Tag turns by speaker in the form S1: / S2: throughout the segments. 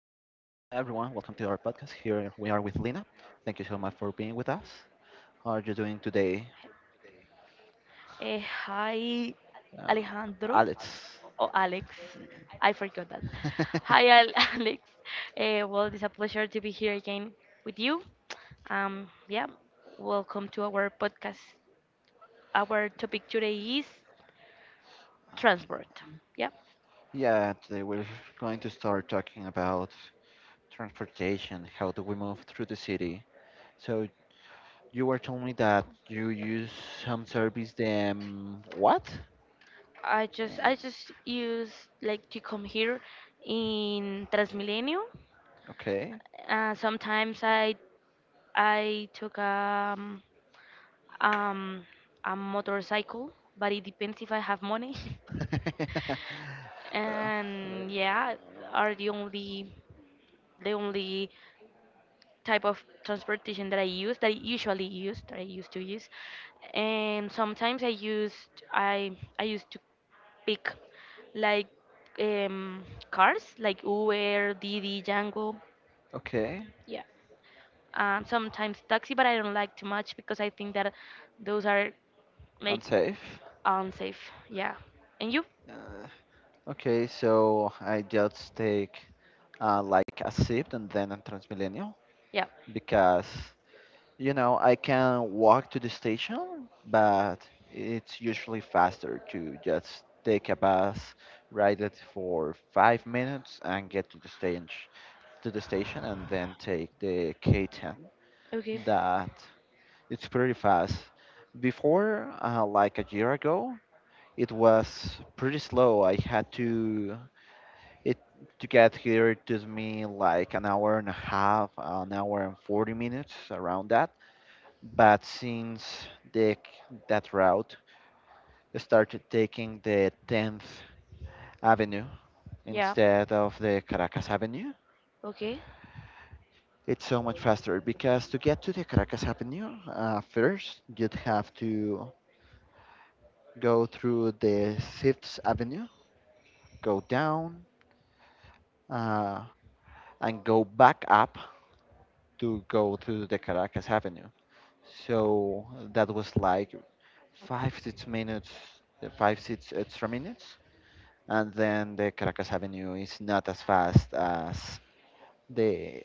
S1: to our podcast. Here we are with Lena. Thank you so much for being with us. How are you doing today,
S2: Hi,
S1: uh,
S2: Alejandro
S1: Alex?
S2: or Alex. I forgot that. Hi, Alex. Well, it's a pleasure to be here again with you. Yeah, welcome to our podcast. Our topic today is transport. Yeah,
S1: Yeah, today we're going to start talking about transportation. How do we move through the city? So you were telling me that you use some service. Them what?
S2: I
S1: Uh,
S2: just I just use like to come here in Transmilenio.
S1: okay.
S2: Sometimes I took um, a motorcycle, but it depends if I have money.
S1: uh,
S2: And yeah, are the only type of transportation that I use that I usually use that I used to use. And sometimes I used to pick like um, cars like Uber, Didi, Django.
S1: okay.
S2: Yeah. Sometimes taxi, but I don't like too much because I think that those are like
S1: Unsafe.
S2: unsafe. Yeah. And you?
S1: Uh, Okay, so I just take like a SIP and then a Transmilenio
S2: Yeah.
S1: because you know I can walk to the station, but it's usually faster to just take a bus, ride it for 5 minutes, and get to the stage to the station, and then take the K10.
S2: Okay.
S1: That it's pretty fast. Before, like a year ago, it was pretty slow. I had to. It to get here it took me like an hour and a half, an hour and 40 minutes around that. But since the, that route I started taking the 10th Avenue
S2: Yeah.
S1: instead of the Caracas Avenue,
S2: Okay.
S1: it's so much faster because to get to the Caracas Avenue, first you'd have to go through the 6th Avenue, go down, uh, and go back up to go to the Caracas Avenue. So that was like five, 6 minutes, five, six extra minutes. And then the Caracas Avenue is not as fast as the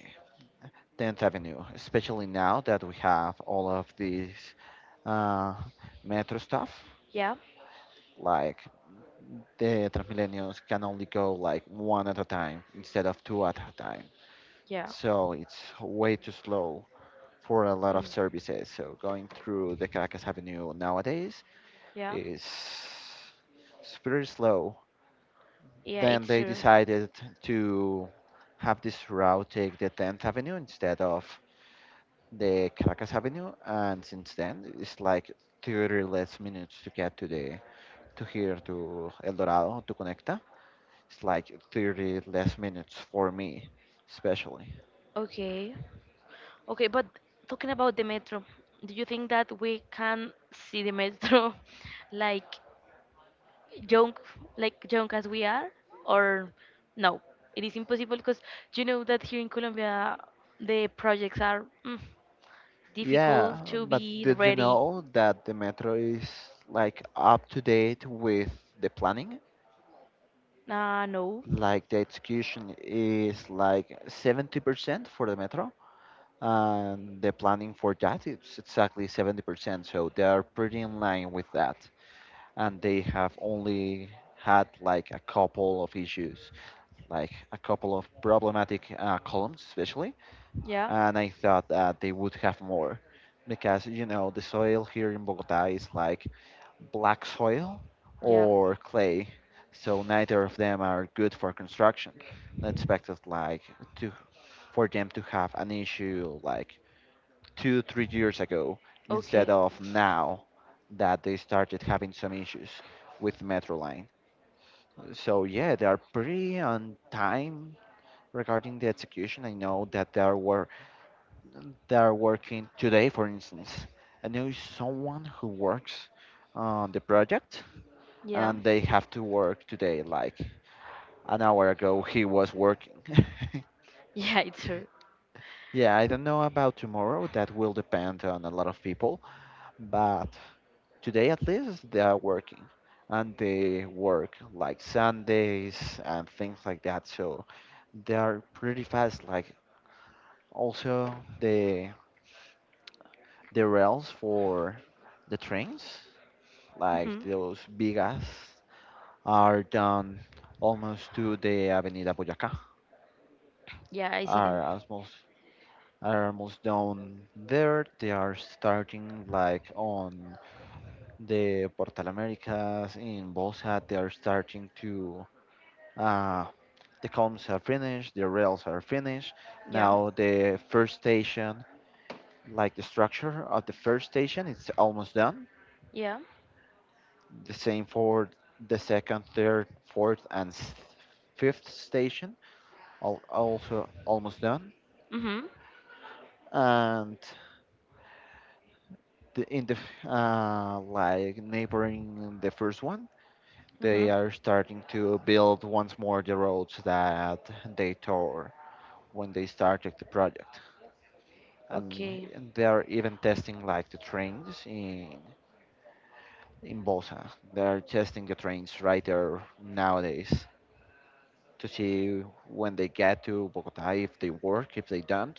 S1: 10th Avenue, especially now that we have all of these uh, metro stuff.
S2: Yeah.
S1: Like the Transmillennials can only go like one at a time instead of two at a time.
S2: Yeah.
S1: So it's way too slow for a lot of
S2: Mm.
S1: services. So going through the Caracas Avenue nowadays
S2: Yeah.
S1: is it's pretty slow.
S2: Yeah,
S1: Then
S2: it's
S1: they
S2: true.
S1: decided to have this route take the 10th Avenue instead of the Caracas Avenue, and since then it's like 30 less minutes to get to here to El Dorado to Conecta. It's like 30 less minutes for me, especially.
S2: Okay. Okay, but talking about the metro, do you think that we can see the metro like young like young as we are, or no, it is impossible because you know that here in Colombia the projects are
S1: Yeah,
S2: difficult to
S1: but
S2: be
S1: did you
S2: ready?
S1: know that the metro is like up to date with the planning?
S2: No.
S1: Like the execution is like 70% for the metro, and the planning for that is exactly 70%. So they are pretty in line with that. And they have only had like a couple of issues, like a couple of problematic columns, especially,
S2: Yeah,
S1: and I thought that they would have more because you know the soil here in Bogota is like black soil
S2: yeah.
S1: or clay, so neither of them are good for construction. I expected like to for them to have an issue like 2 3 years ago instead
S2: Okay.
S1: of now that they started having some issues with metro line. So yeah, they are pretty on time regarding the execution. I know that there were that are working today, for instance. I know someone who works on the project
S2: Yeah.
S1: and they have to work today, like an hour ago he was working.
S2: Yeah, it's true.
S1: Yeah, I don't know about tomorrow, that will depend on a lot of people, but today at least they are working and they work like Sundays and things like that, so they are pretty fast. Like also the rails for the trains
S2: Hmm.
S1: like those vigas, are down almost to the Avenida Boyacá.
S2: Yeah, I see
S1: Are
S2: them.
S1: almost are almost down there. They are starting like on the Portal Americas in Bolsa. They are starting to uh, the columns are finished. The rails are finished.
S2: Yeah,
S1: Now the first station, like the structure of the first station, it's almost done.
S2: yeah.
S1: The same for the second, third, fourth, and fifth station also almost done.
S2: Hmm.
S1: And the, in the f- like neighboring the first one, they
S2: Mhm.
S1: are starting to build once more the roads that they tore when they started the project.
S2: Okay.
S1: And they are even testing like the trains in Bosa. They are testing the trains right there nowadays to see when they get to Bogota if they work, if they don't,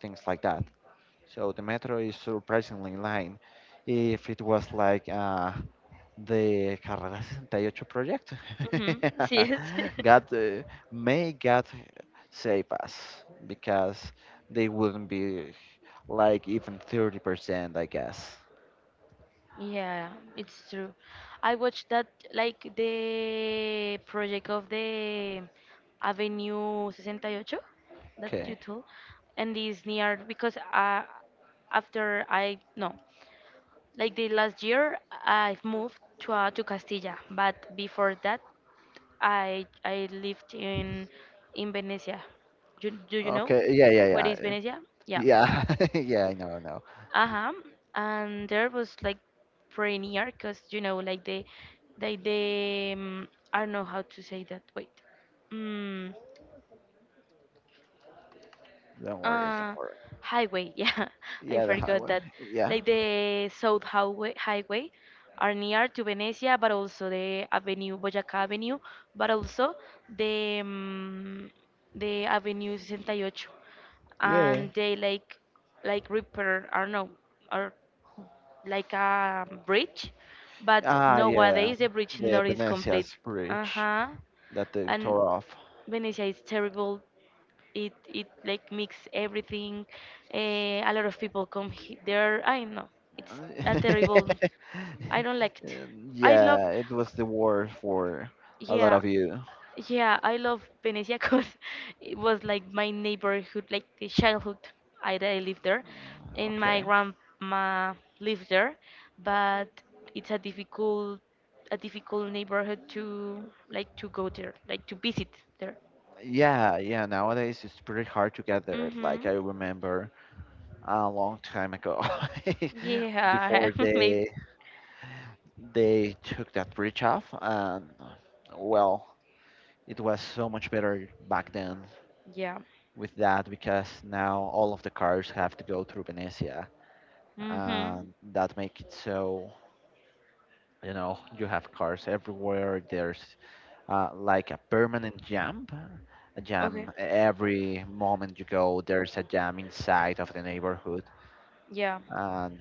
S1: things like that. So the metro is surprisingly light. If it was like the Carrera 68 project,
S2: Mhm. Yes.
S1: God may God save us because they wouldn't be like even 30%, I guess.
S2: Yeah, it's true. I watched that like the project of the Avenue 68 that you
S1: Okay.
S2: told, and this near because after I no like the last year, I've moved to to Castilla, but before that, I lived in Venecia. Do you know
S1: Okay. Yeah. Yeah.
S2: where
S1: Yeah.
S2: is Venecia? Yeah.
S1: Yeah. Yeah. I know. I know.
S2: Uh-huh. And there was like pretty near, because like the, um, I don't know how to say that. Wait. Mm,
S1: Don't worry. Don't
S2: uh
S1: worry.
S2: Highway. Yeah, I
S1: Yeah. The
S2: forgot
S1: highway.
S2: that.
S1: Yeah.
S2: Like the south highway are near to Venecia, but also the Avenue Boyaca Avenue, but also the the Avenue 68.
S1: Yeah.
S2: And they like repair, I don't know, or like a bridge, but
S1: Ah. Yeah.
S2: nowadays the bridge
S1: The
S2: not is complete.
S1: Venetia's bridge
S2: Uh-huh.
S1: that they
S2: And
S1: tore off.
S2: Venecia is terrible. It like mix everything. A lot of people come there. I know it's a terrible. I don't like it. I love.
S1: Yeah, it was the worst for a lot
S2: Yeah,
S1: of you.
S2: yeah, I love Venecia because it was like my neighborhood, like the childhood. I lived there, and my
S1: Okay.
S2: grandma lived there, but it's a difficult neighborhood to like to go there, like to visit there.
S1: Yeah, yeah, nowadays it's pretty hard to get there. Like
S2: Mhm.
S1: I remember a long time ago.
S2: Yeah,
S1: Before
S2: maybe.
S1: they took that bridge off and well, it was so much better back then
S2: Yeah.
S1: with that because now all of the cars have to go through Venecia,
S2: Mm-hmm.
S1: and that make it so, you know, you have cars everywhere, there's like a permanent jam, a
S2: Yeah. Okay.
S1: jam every moment you go, there's a jam inside of the neighborhood.
S2: Yeah.
S1: And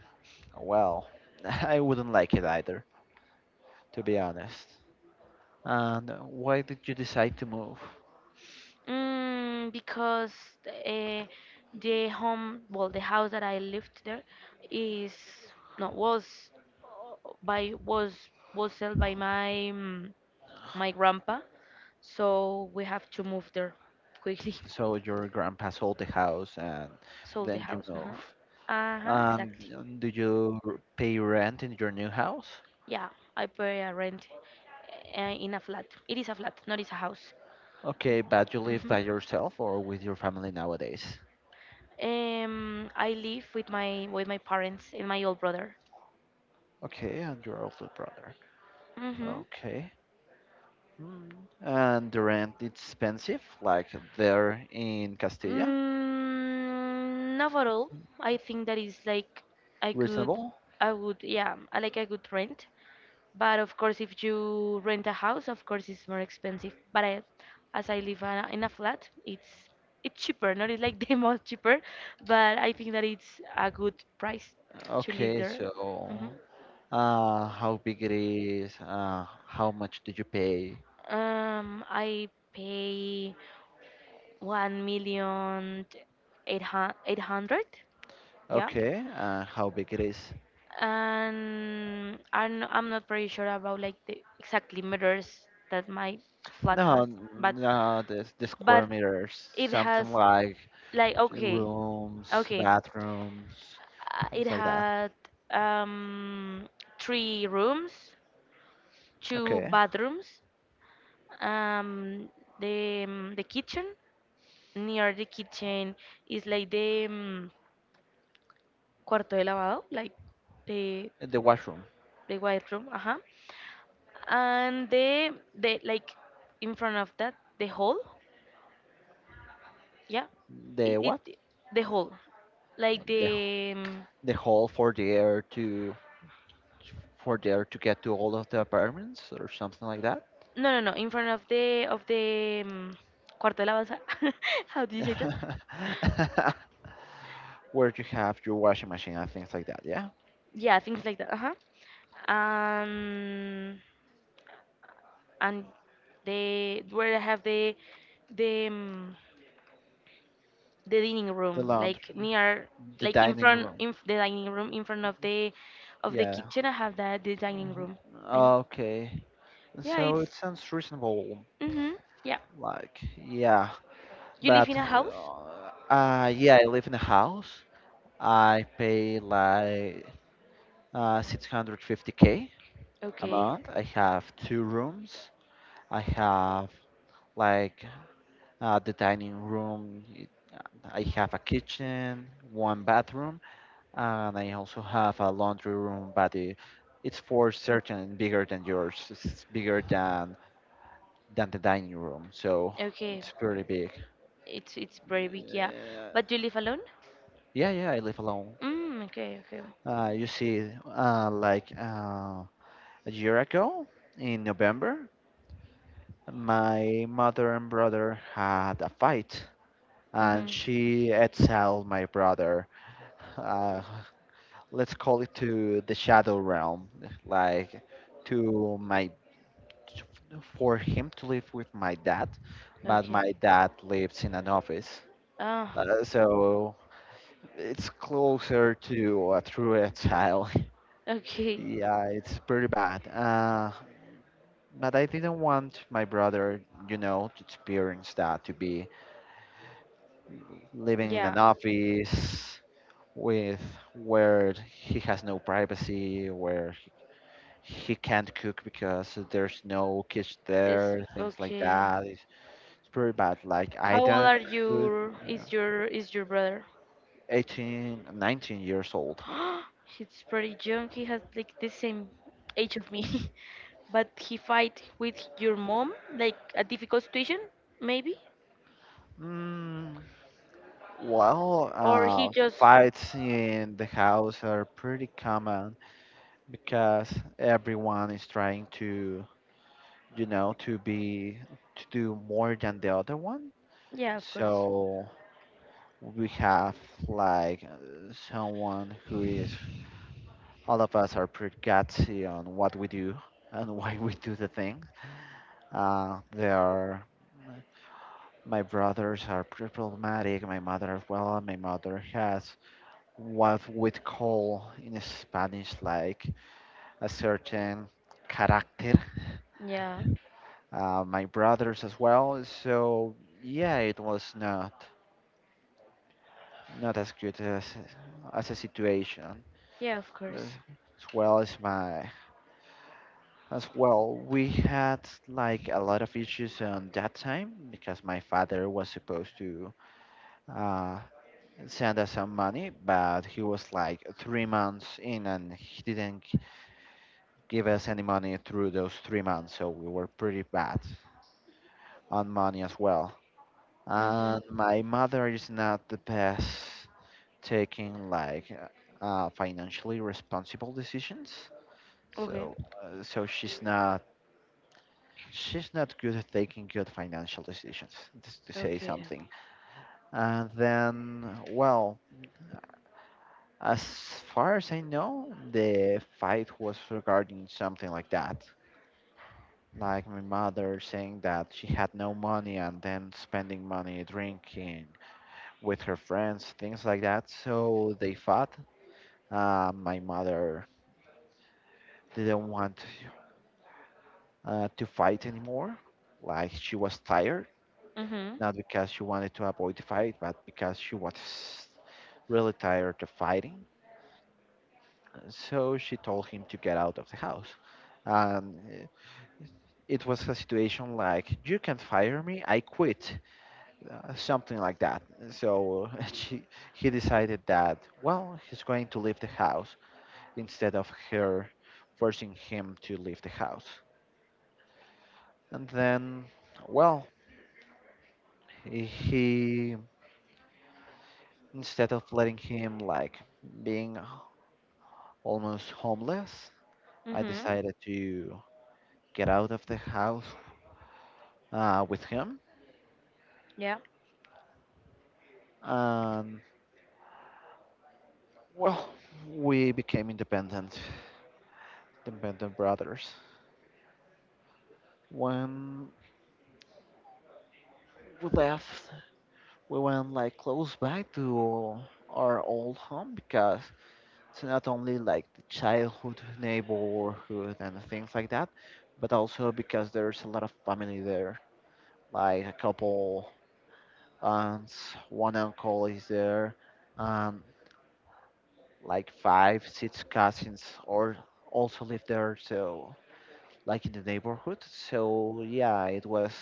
S1: well, I wouldn't like it either, to be honest. And why did you decide to move?
S2: Because uh, the home, well, the house that I lived there is no was by was was sold by my my grandpa, so we have to move there quickly.
S1: So your grandpa sold the house and
S2: Sold the
S1: then you
S2: house.
S1: move.
S2: Uh-huh. Uh-huh.
S1: And
S2: Exactly.
S1: do you pay rent in your new house?
S2: Yeah. I pay a rent in a flat. It is a flat, not it's a house.
S1: Okay, but you live
S2: hmm
S1: by yourself or with your family nowadays?
S2: I live with my parents and my old brother.
S1: Okay, and your older brother.
S2: Mm-hmm.
S1: Okay. Mm. And the rent expensive, like there in Castilla?
S2: Not at all. I think that is like I could,
S1: Reasonable?
S2: I would, yeah, I could rent. But of course, if you rent a house, of course it's more expensive. But I, as I live in a flat, it's cheaper. Not it's like the most cheaper, but I think that it's a good price to live
S1: Okay,
S2: there. hmm
S1: so how big it is? How much did you pay?
S2: I pay 1,000,800, 800. Yeah,
S1: Okay, how big it is?
S2: and I'm not pretty sure about like the exactly meters that my flat has,
S1: No,
S2: but
S1: no, the
S2: but
S1: square meters,
S2: it
S1: something
S2: has
S1: like
S2: like okay,
S1: rooms,
S2: okay,
S1: bathrooms,
S2: it
S1: things like that.
S2: had um three rooms, two
S1: Okay,
S2: bathrooms, um, the the kitchen near the kitchen is like the cuarto de lavado, like the
S1: the washroom.
S2: the white room. Uh-huh. And the like in front of that the hall, yeah,
S1: The
S2: it,
S1: what?
S2: it the hall, like
S1: The,
S2: the
S1: the hall for the air to for there to get to all of the apartments or something like that.
S2: no, no, no, in front of the cuarto de lavado. How do you say that?
S1: Where you have your washing machine and things like that, yeah?
S2: Yeah, things like that. Uh-huh. And they where I have the um, the dining
S1: The
S2: room, like
S1: laundry,
S2: near,
S1: the
S2: like in
S1: dining
S2: front
S1: room.
S2: the dining room, in front of the
S1: Yeah.
S2: kitchen. I have that the dining room, and
S1: Okay.
S2: yeah,
S1: So it
S2: it's
S1: sounds reasonable.
S2: mm-hmm, yeah.
S1: Like, yeah.
S2: You live in
S1: But,
S2: a house?
S1: yeah, I live in a house. I pay like 650K a
S2: Okay,
S1: month. I have two rooms. I have like the dining room. I have a kitchen, one bathroom, and I also have a laundry room, but it's for certain bigger than yours. It's bigger than the dining room, so
S2: okay.
S1: it's pretty big.
S2: It's very big, yeah.
S1: Uh,
S2: But you live alone?
S1: yeah, yeah, I live alone.
S2: Okay, okay.
S1: You see, like a year ago in November, my mother and brother had a fight, and
S2: Mm-hmm.
S1: she exiled my brother. Uh, let's call it to the shadow realm, like to my for him to live with my dad, but
S2: Okay.
S1: my dad lives in an office,
S2: Ah,
S1: so it's closer to a true child.
S2: okay.
S1: Yeah, it's pretty bad. But I didn't want my brother, you know, to experience that, to be living in an
S2: Yeah.
S1: office with where he has no privacy, where he can't cook because there's no kitchen
S2: It's
S1: there, things like
S2: okay.
S1: that. It's pretty bad. Like I
S2: How old
S1: don't
S2: are
S1: cook
S2: your is your is your brother?
S1: 18, 19 years old.
S2: He's pretty young. He has like the same age of me. But he fight with your mom, like a difficult situation, maybe?
S1: Mm, well,
S2: Or he just
S1: fights in the house are pretty common because everyone is trying to, you know, to do more than the other one.
S2: Yeah, of course.
S1: So we have like someone who is all of us are pretty gutsy on what we do and why we do the thing. There are my brothers are pretty problematic. My mother as well. My mother has what we'd call in Spanish like a certain character.
S2: Yeah.
S1: My brothers as well. So yeah, it was not as good as a situation
S2: Yeah, of course.
S1: as well as my. As well, we had like a lot of issues on that time because my father was supposed to uh, send us some money, but he was like 3 months in and he didn't give us any money through those 3 months, so we were pretty bad on money as well. And
S2: Mm-hmm.
S1: my mother is not the best taking like financially responsible decisions,
S2: Okay.
S1: so so she's not good at taking good financial decisions, just to say
S2: Okay.
S1: something. And then, well, as far as I know, the fight was regarding something like that. Like my mother saying that she had no money and then spending money drinking with her friends, things like that. So they fought. My mother didn't want to fight anymore. Like she was tired,
S2: Mm-hmm.
S1: not because she wanted to avoid the fight, but because she was really tired of fighting, so she told him to get out of the house. And it was a situation like, You can't fire me, I quit, something like that. So he decided that, well, he's going to leave the house instead of her forcing him to leave the house. And then, well, he, instead of letting him like being almost homeless, I
S2: Mm-hmm.
S1: decided to get out of the house with him.
S2: Yeah.
S1: And well, we became independent brothers. When we left, we went like close by to our old home because it's not only like the childhood neighborhood and things like that, but also because there's a lot of family there, like a couple aunts, one uncle is there, and like five, six cousins, or also live there, so like in the neighborhood. So yeah, it was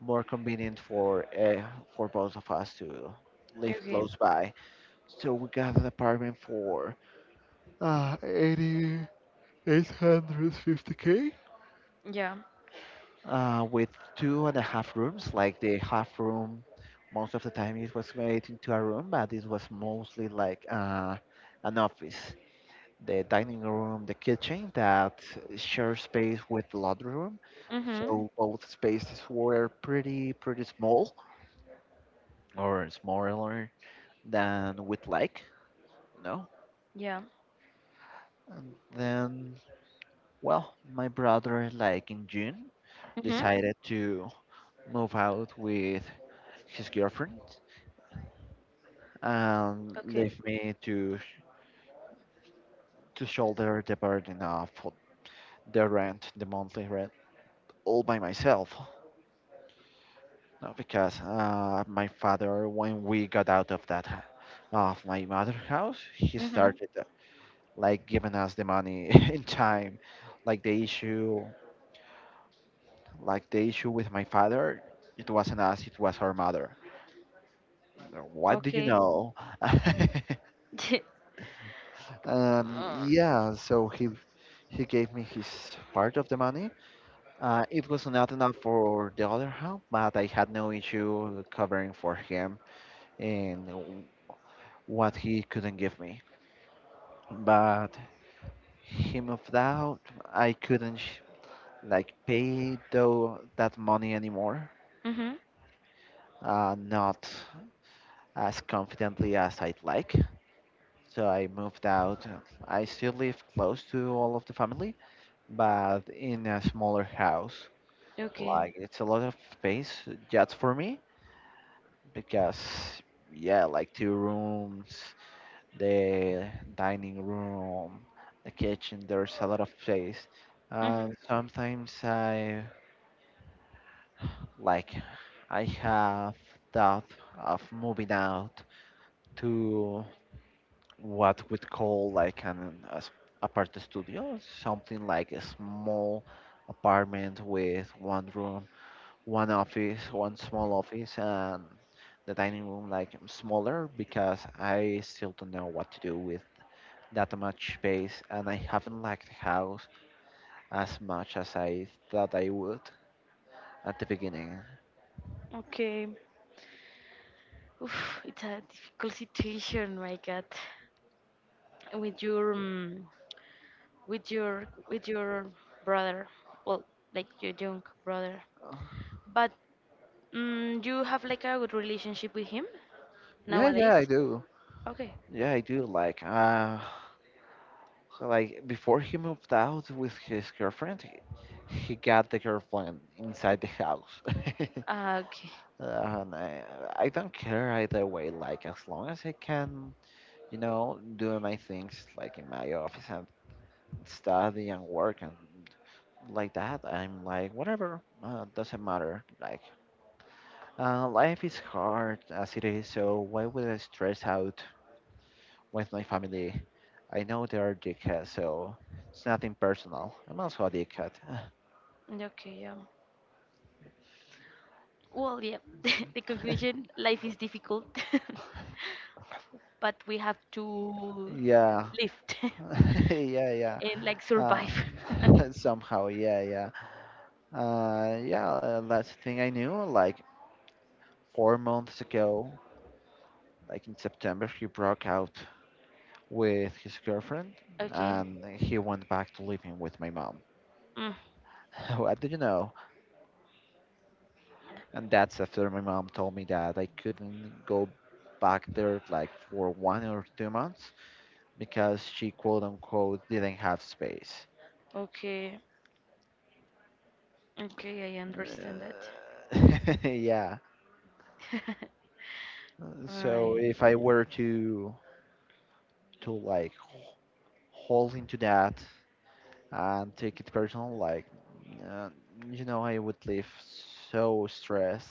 S1: more convenient for both of us to live
S2: Okay.
S1: close by. So we got an apartment for uh, 850k
S2: Yeah.
S1: with two and a half rooms. Like the half room, most of the time it was made into a room, but it was mostly like an office. The dining room, the kitchen that share space with the laundry room.
S2: Mm-hmm.
S1: So both spaces were pretty small or smaller than we'd like, you know.
S2: Yeah.
S1: And then well, my brother like in June
S2: Mm-hmm.
S1: decided to move out with his girlfriend and
S2: Okay.
S1: leave me to shoulder the burden of the rent, the monthly rent all by myself. No, because my father, when we got out of that of my mother house, he
S2: Mm-hmm.
S1: started like giving us the money in time. Like the issue, like the issue with my father, it wasn't us, it was her mother. What do you
S2: Okay.
S1: know?
S2: uh,
S1: Yeah, so he gave me his part of the money. It was not enough for the other half, but I had no issue covering for him and what he couldn't give me. But he moved out. I couldn't sh- Like pay though that money anymore,
S2: mhm.
S1: not as confidently as I'd like. So I moved out. I still live close to all of the family, but in a smaller house.
S2: Okay.
S1: Like it's a lot of space just for me because yeah, like two rooms. The dining room, the kitchen. There's a lot of space,
S2: Mhm.
S1: and sometimes I like I have thought of moving out to what we'd call like apart studio, something like a small apartment with one room, one office, one small office, and the dining room like smaller because I still don't know what to do with that much space, and I haven't liked the house as much as I thought I would at the beginning.
S2: Okay. Oof, it's a difficult situation, my God. With your, um, with your brother. Well, like your young brother. But you have like a good relationship with him
S1: Yeah,
S2: nowadays.
S1: yeah, I do.
S2: Okay.
S1: Yeah, I do. Like before he moved out with his girlfriend, he got the girlfriend inside the house.
S2: Ah, okay.
S1: And I don't care either way. Like, as long as I can, you know, do my things, like in my office and study and work and like that. I'm like, whatever, doesn't matter. Like, life is hard as it is, so why would I stress out with my family? I know they are dickheads, so it's nothing personal. I'm also a dickhead.
S2: Okay. Yeah. Well, yeah. The conclusion: life is difficult, but we have to
S1: Yeah.
S2: live.
S1: Yeah, yeah.
S2: And like
S1: Uh,
S2: survive.
S1: somehow, yeah, yeah. Yeah, last thing I knew, like 4 months ago, like in September, he broke out with his girlfriend,
S2: Okay.
S1: and he went back to living with my mom.
S2: Mm.
S1: What did you know? And that's after my mom told me that I couldn't go back there like for 1 or 2 months because she quote unquote didn't have space.
S2: Okay. Okay, I understand that.
S1: Uh, yeah. So
S2: I
S1: if I were to hold into that and take it personal, like uh, you know, I would live so stressed.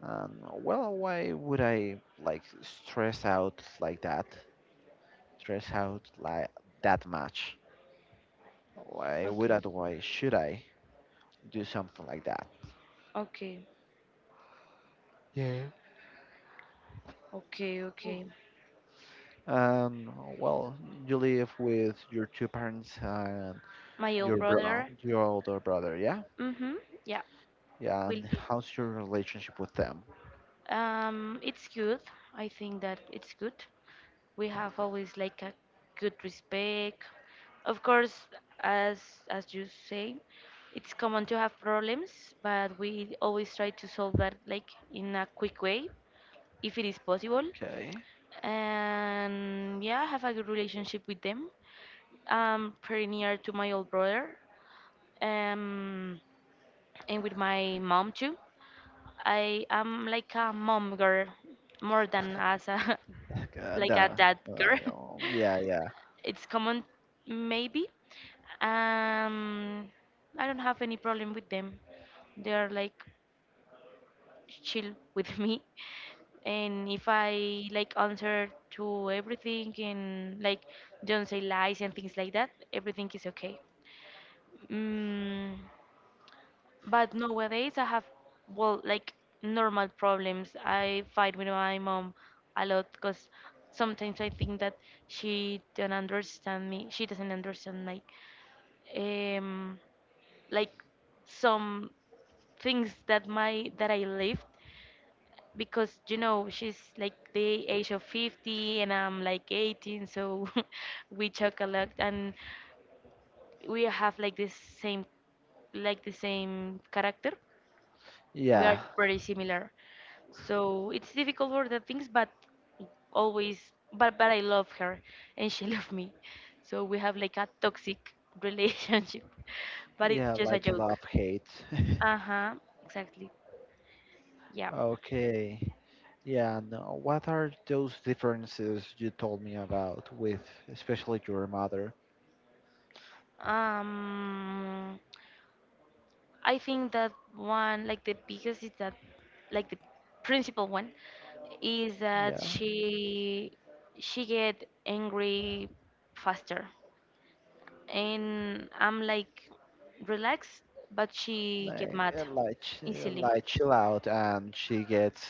S1: And well, why would I like stress out like that? Stress out like that much? Why would
S2: Okay.
S1: I? Why should I do something like that?
S2: Okay.
S1: Yeah.
S2: Okay, okay.
S1: And well, you live with your two parents and
S2: My old
S1: your
S2: brother.
S1: your older brother, yeah?
S2: Mhm. Yeah.
S1: Yeah,
S2: Will
S1: and
S2: live.
S1: how's your relationship with them?
S2: It's good. I think that it's good. We have always like a good respect. Of course, as as you say, it's common to have problems, but we always try to solve that like in a quick way if it is possible.
S1: Okay.
S2: And yeah, I have a good relationship with them. I'm pretty near to my old brother, um, and with my mom too. I am like a mom girl more than as a
S1: And,
S2: like a dad girl.
S1: oh, yeah, yeah,
S2: It's common, maybe. Um, I don't have any problem with them. They are like chill with me. And if I like answer to everything and like don't say lies and things like that, everything is okay. Mm. But nowadays I have, well, like normal problems. I fight with my mom a lot because sometimes I think that she don't understand me. She doesn't understand um, like some things that I lived, because she's like the age of 50 and I'm like 18, so we talk a lot, and we have like the same character. We are
S1: yeah,
S2: pretty similar, so it's difficult for the things, but always, but I love her, and she love me, so we have like a toxic relationship. But it's
S1: yeah,
S2: just a
S1: like a
S2: joke.
S1: love hate.
S2: Uh-huh, exactly. Yeah.
S1: Okay. Yeah, no. What are those differences you told me about with especially your mother?
S2: um I think that one like the biggest is that like the principal one is that
S1: Yeah,
S2: she get angry faster, and I'm like relaxed, but she get
S1: like
S2: mad easily.
S1: like chill out, and she gets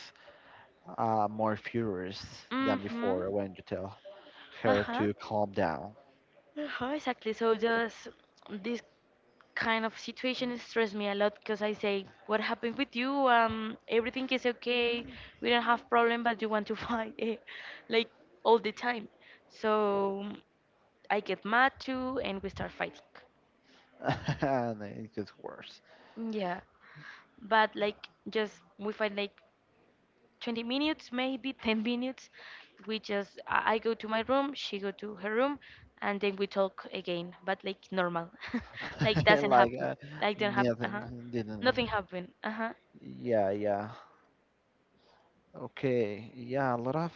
S1: more furious than
S2: Mm-hmm.
S1: before when you tell her
S2: Uh-huh.
S1: to calm down,
S2: Uh-huh, exactly. So just this kind of situation stress me a lot because I say, "What happened with you? Everything is okay. We don't have problem, but you want to fight, like all the time." So I get mad too, and we start fighting.
S1: and it gets worse.
S2: Yeah, but like just we fight like 20 minutes, maybe 10 minutes. We just, I go to my room, she go to her room, and then we talk again, but like normal. Like doesn't
S1: Like
S2: happen. Like don't happen.
S1: nothing
S2: Uh-huh.
S1: didn't.
S2: Nothing happened. Uh-huh.
S1: Yeah, yeah. Okay, yeah. A lot of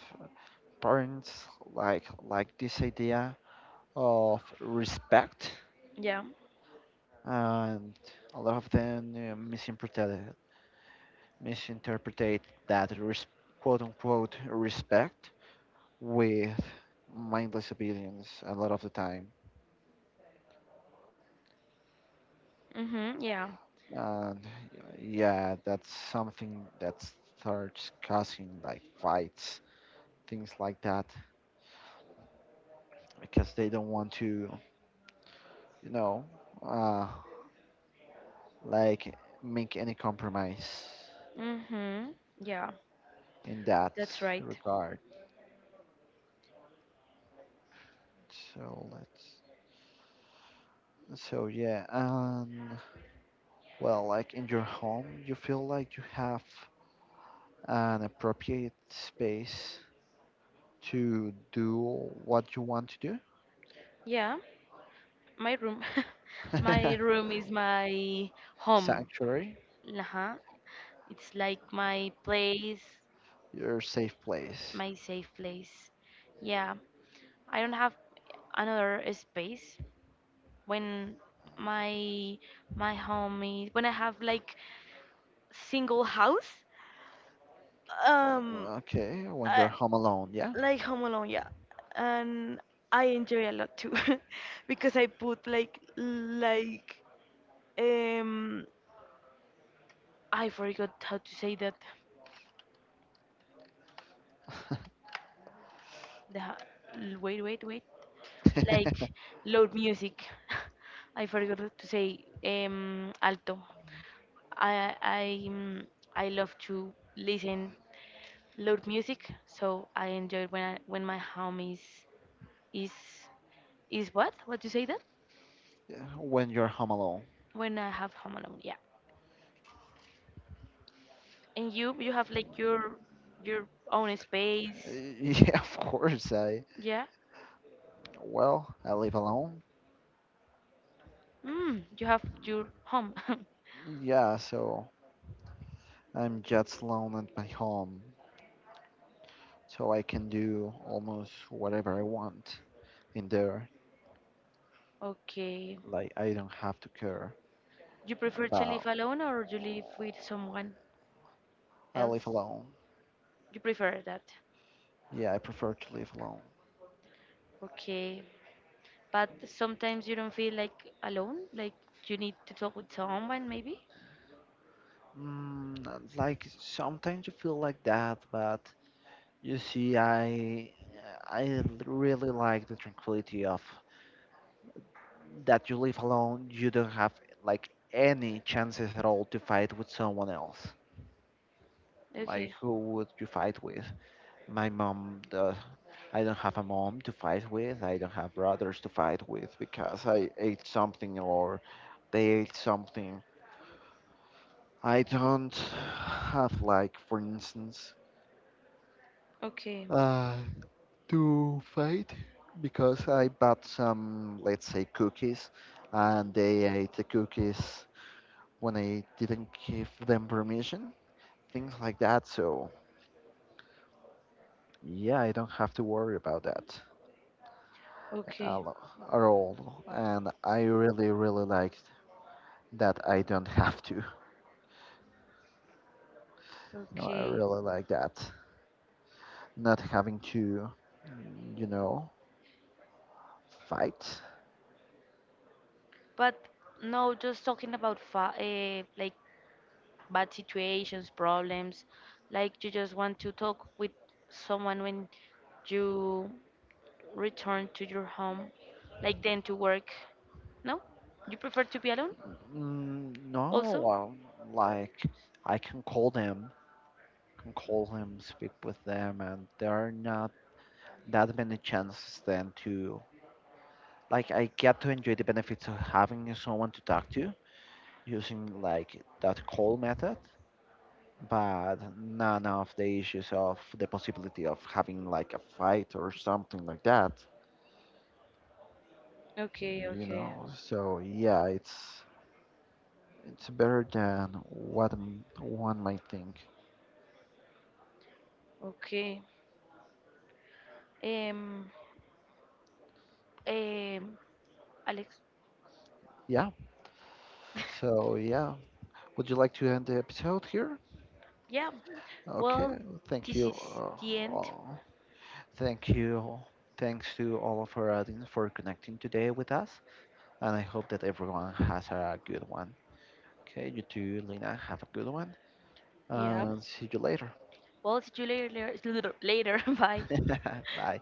S1: parents like this idea of respect,
S2: Yeah.
S1: and a lot of them misinterpreted that res- quote unquote respect with mindless obedience a lot of the time,
S2: Mm-hmm. Yeah.
S1: and yeah, that's something that starts causing like fights, things like that, because they don't want to, you know, uh, like make any compromise
S2: Mm-hmm. Yeah.
S1: in that
S2: That's right.
S1: regard. so let's so yeah, well, like in your home, you feel like you have an appropriate space to do what you want to
S2: Yeah. My room.
S1: do.
S2: My room is my home.
S1: Sanctuary,
S2: Uh-huh. It's like my place.
S1: your safe place.
S2: My safe place. Yeah, I don't have another space when my my home is when I have like single house. Um,
S1: Okay, when you're home alone, yeah?
S2: I like Home Alone, yeah, and I enjoy a lot too because I put um I forgot how to say that. The ha- Wait, wait, wait. Like loud music. I forgot to say alto. I I mm, I love to listen loud music, so I enjoy when my home is is what? What you say that?
S1: Yeah, when you're home alone.
S2: When I have home alone, yeah. And you have like your own space,
S1: Yeah, of course.
S2: yeah.
S1: Well, I live alone.
S2: You have your home.
S1: Yeah, so I'm just alone at my home. So I can do almost whatever I want in there.
S2: Okay.
S1: Like, I don't have to care.
S2: You prefer to live
S1: About
S2: alone or you live with someone
S1: I live
S2: else?
S1: alone.
S2: You prefer that.
S1: Yeah, I prefer to live alone.
S2: Okay. But sometimes you don't feel like alone, like you need to talk with someone maybe?
S1: Mm, like sometimes you feel like that, but you see, I really like the tranquility of that you live alone. You don't have like any chances at all to fight with someone else. Like
S2: Okay.
S1: who would you fight with? My mom. I don't have a mom to fight with. I don't have brothers to fight with because I ate something or they ate something. I don't have like, for instance,
S2: Okay.
S1: uh, to fight because I bought some, let's say, cookies, and they ate the cookies when I didn't give them permission, things like that. So yeah, I don't have to worry about that a
S2: Okay.
S1: lo- at all, and I really, really like that I don't have to. You know, I
S2: Okay.
S1: really like that not having to, mm, you know, fight.
S2: But no, just talking about fa like bad situations, problems, like you just want to talk with someone when you return to your home, like then to work. No? You prefer to be alone
S1: Mm, no,
S2: also?
S1: like I can call them, speak with them, and there are not that many chances then to like I get to enjoy the benefits of having someone to talk to using like that call method, but none of the issues of the possibility of having like a fight or something like that,
S2: Okay,
S1: you
S2: okay.
S1: know. So yeah, it's better than what one might think.
S2: Okay. Um, um, Alex,
S1: Yeah. So yeah. Would you like to end the episode here?
S2: yeah. Well,
S1: Okay, thank
S2: this
S1: you.
S2: is the end.
S1: All- thank you. Thanks to all of our audience for connecting today with us. And I hope that everyone has a good one. Okay, you too, Lena. Have a good one.
S2: Yeah.
S1: And see you later.
S2: Well, see you later. Later. Bye.
S1: Bye.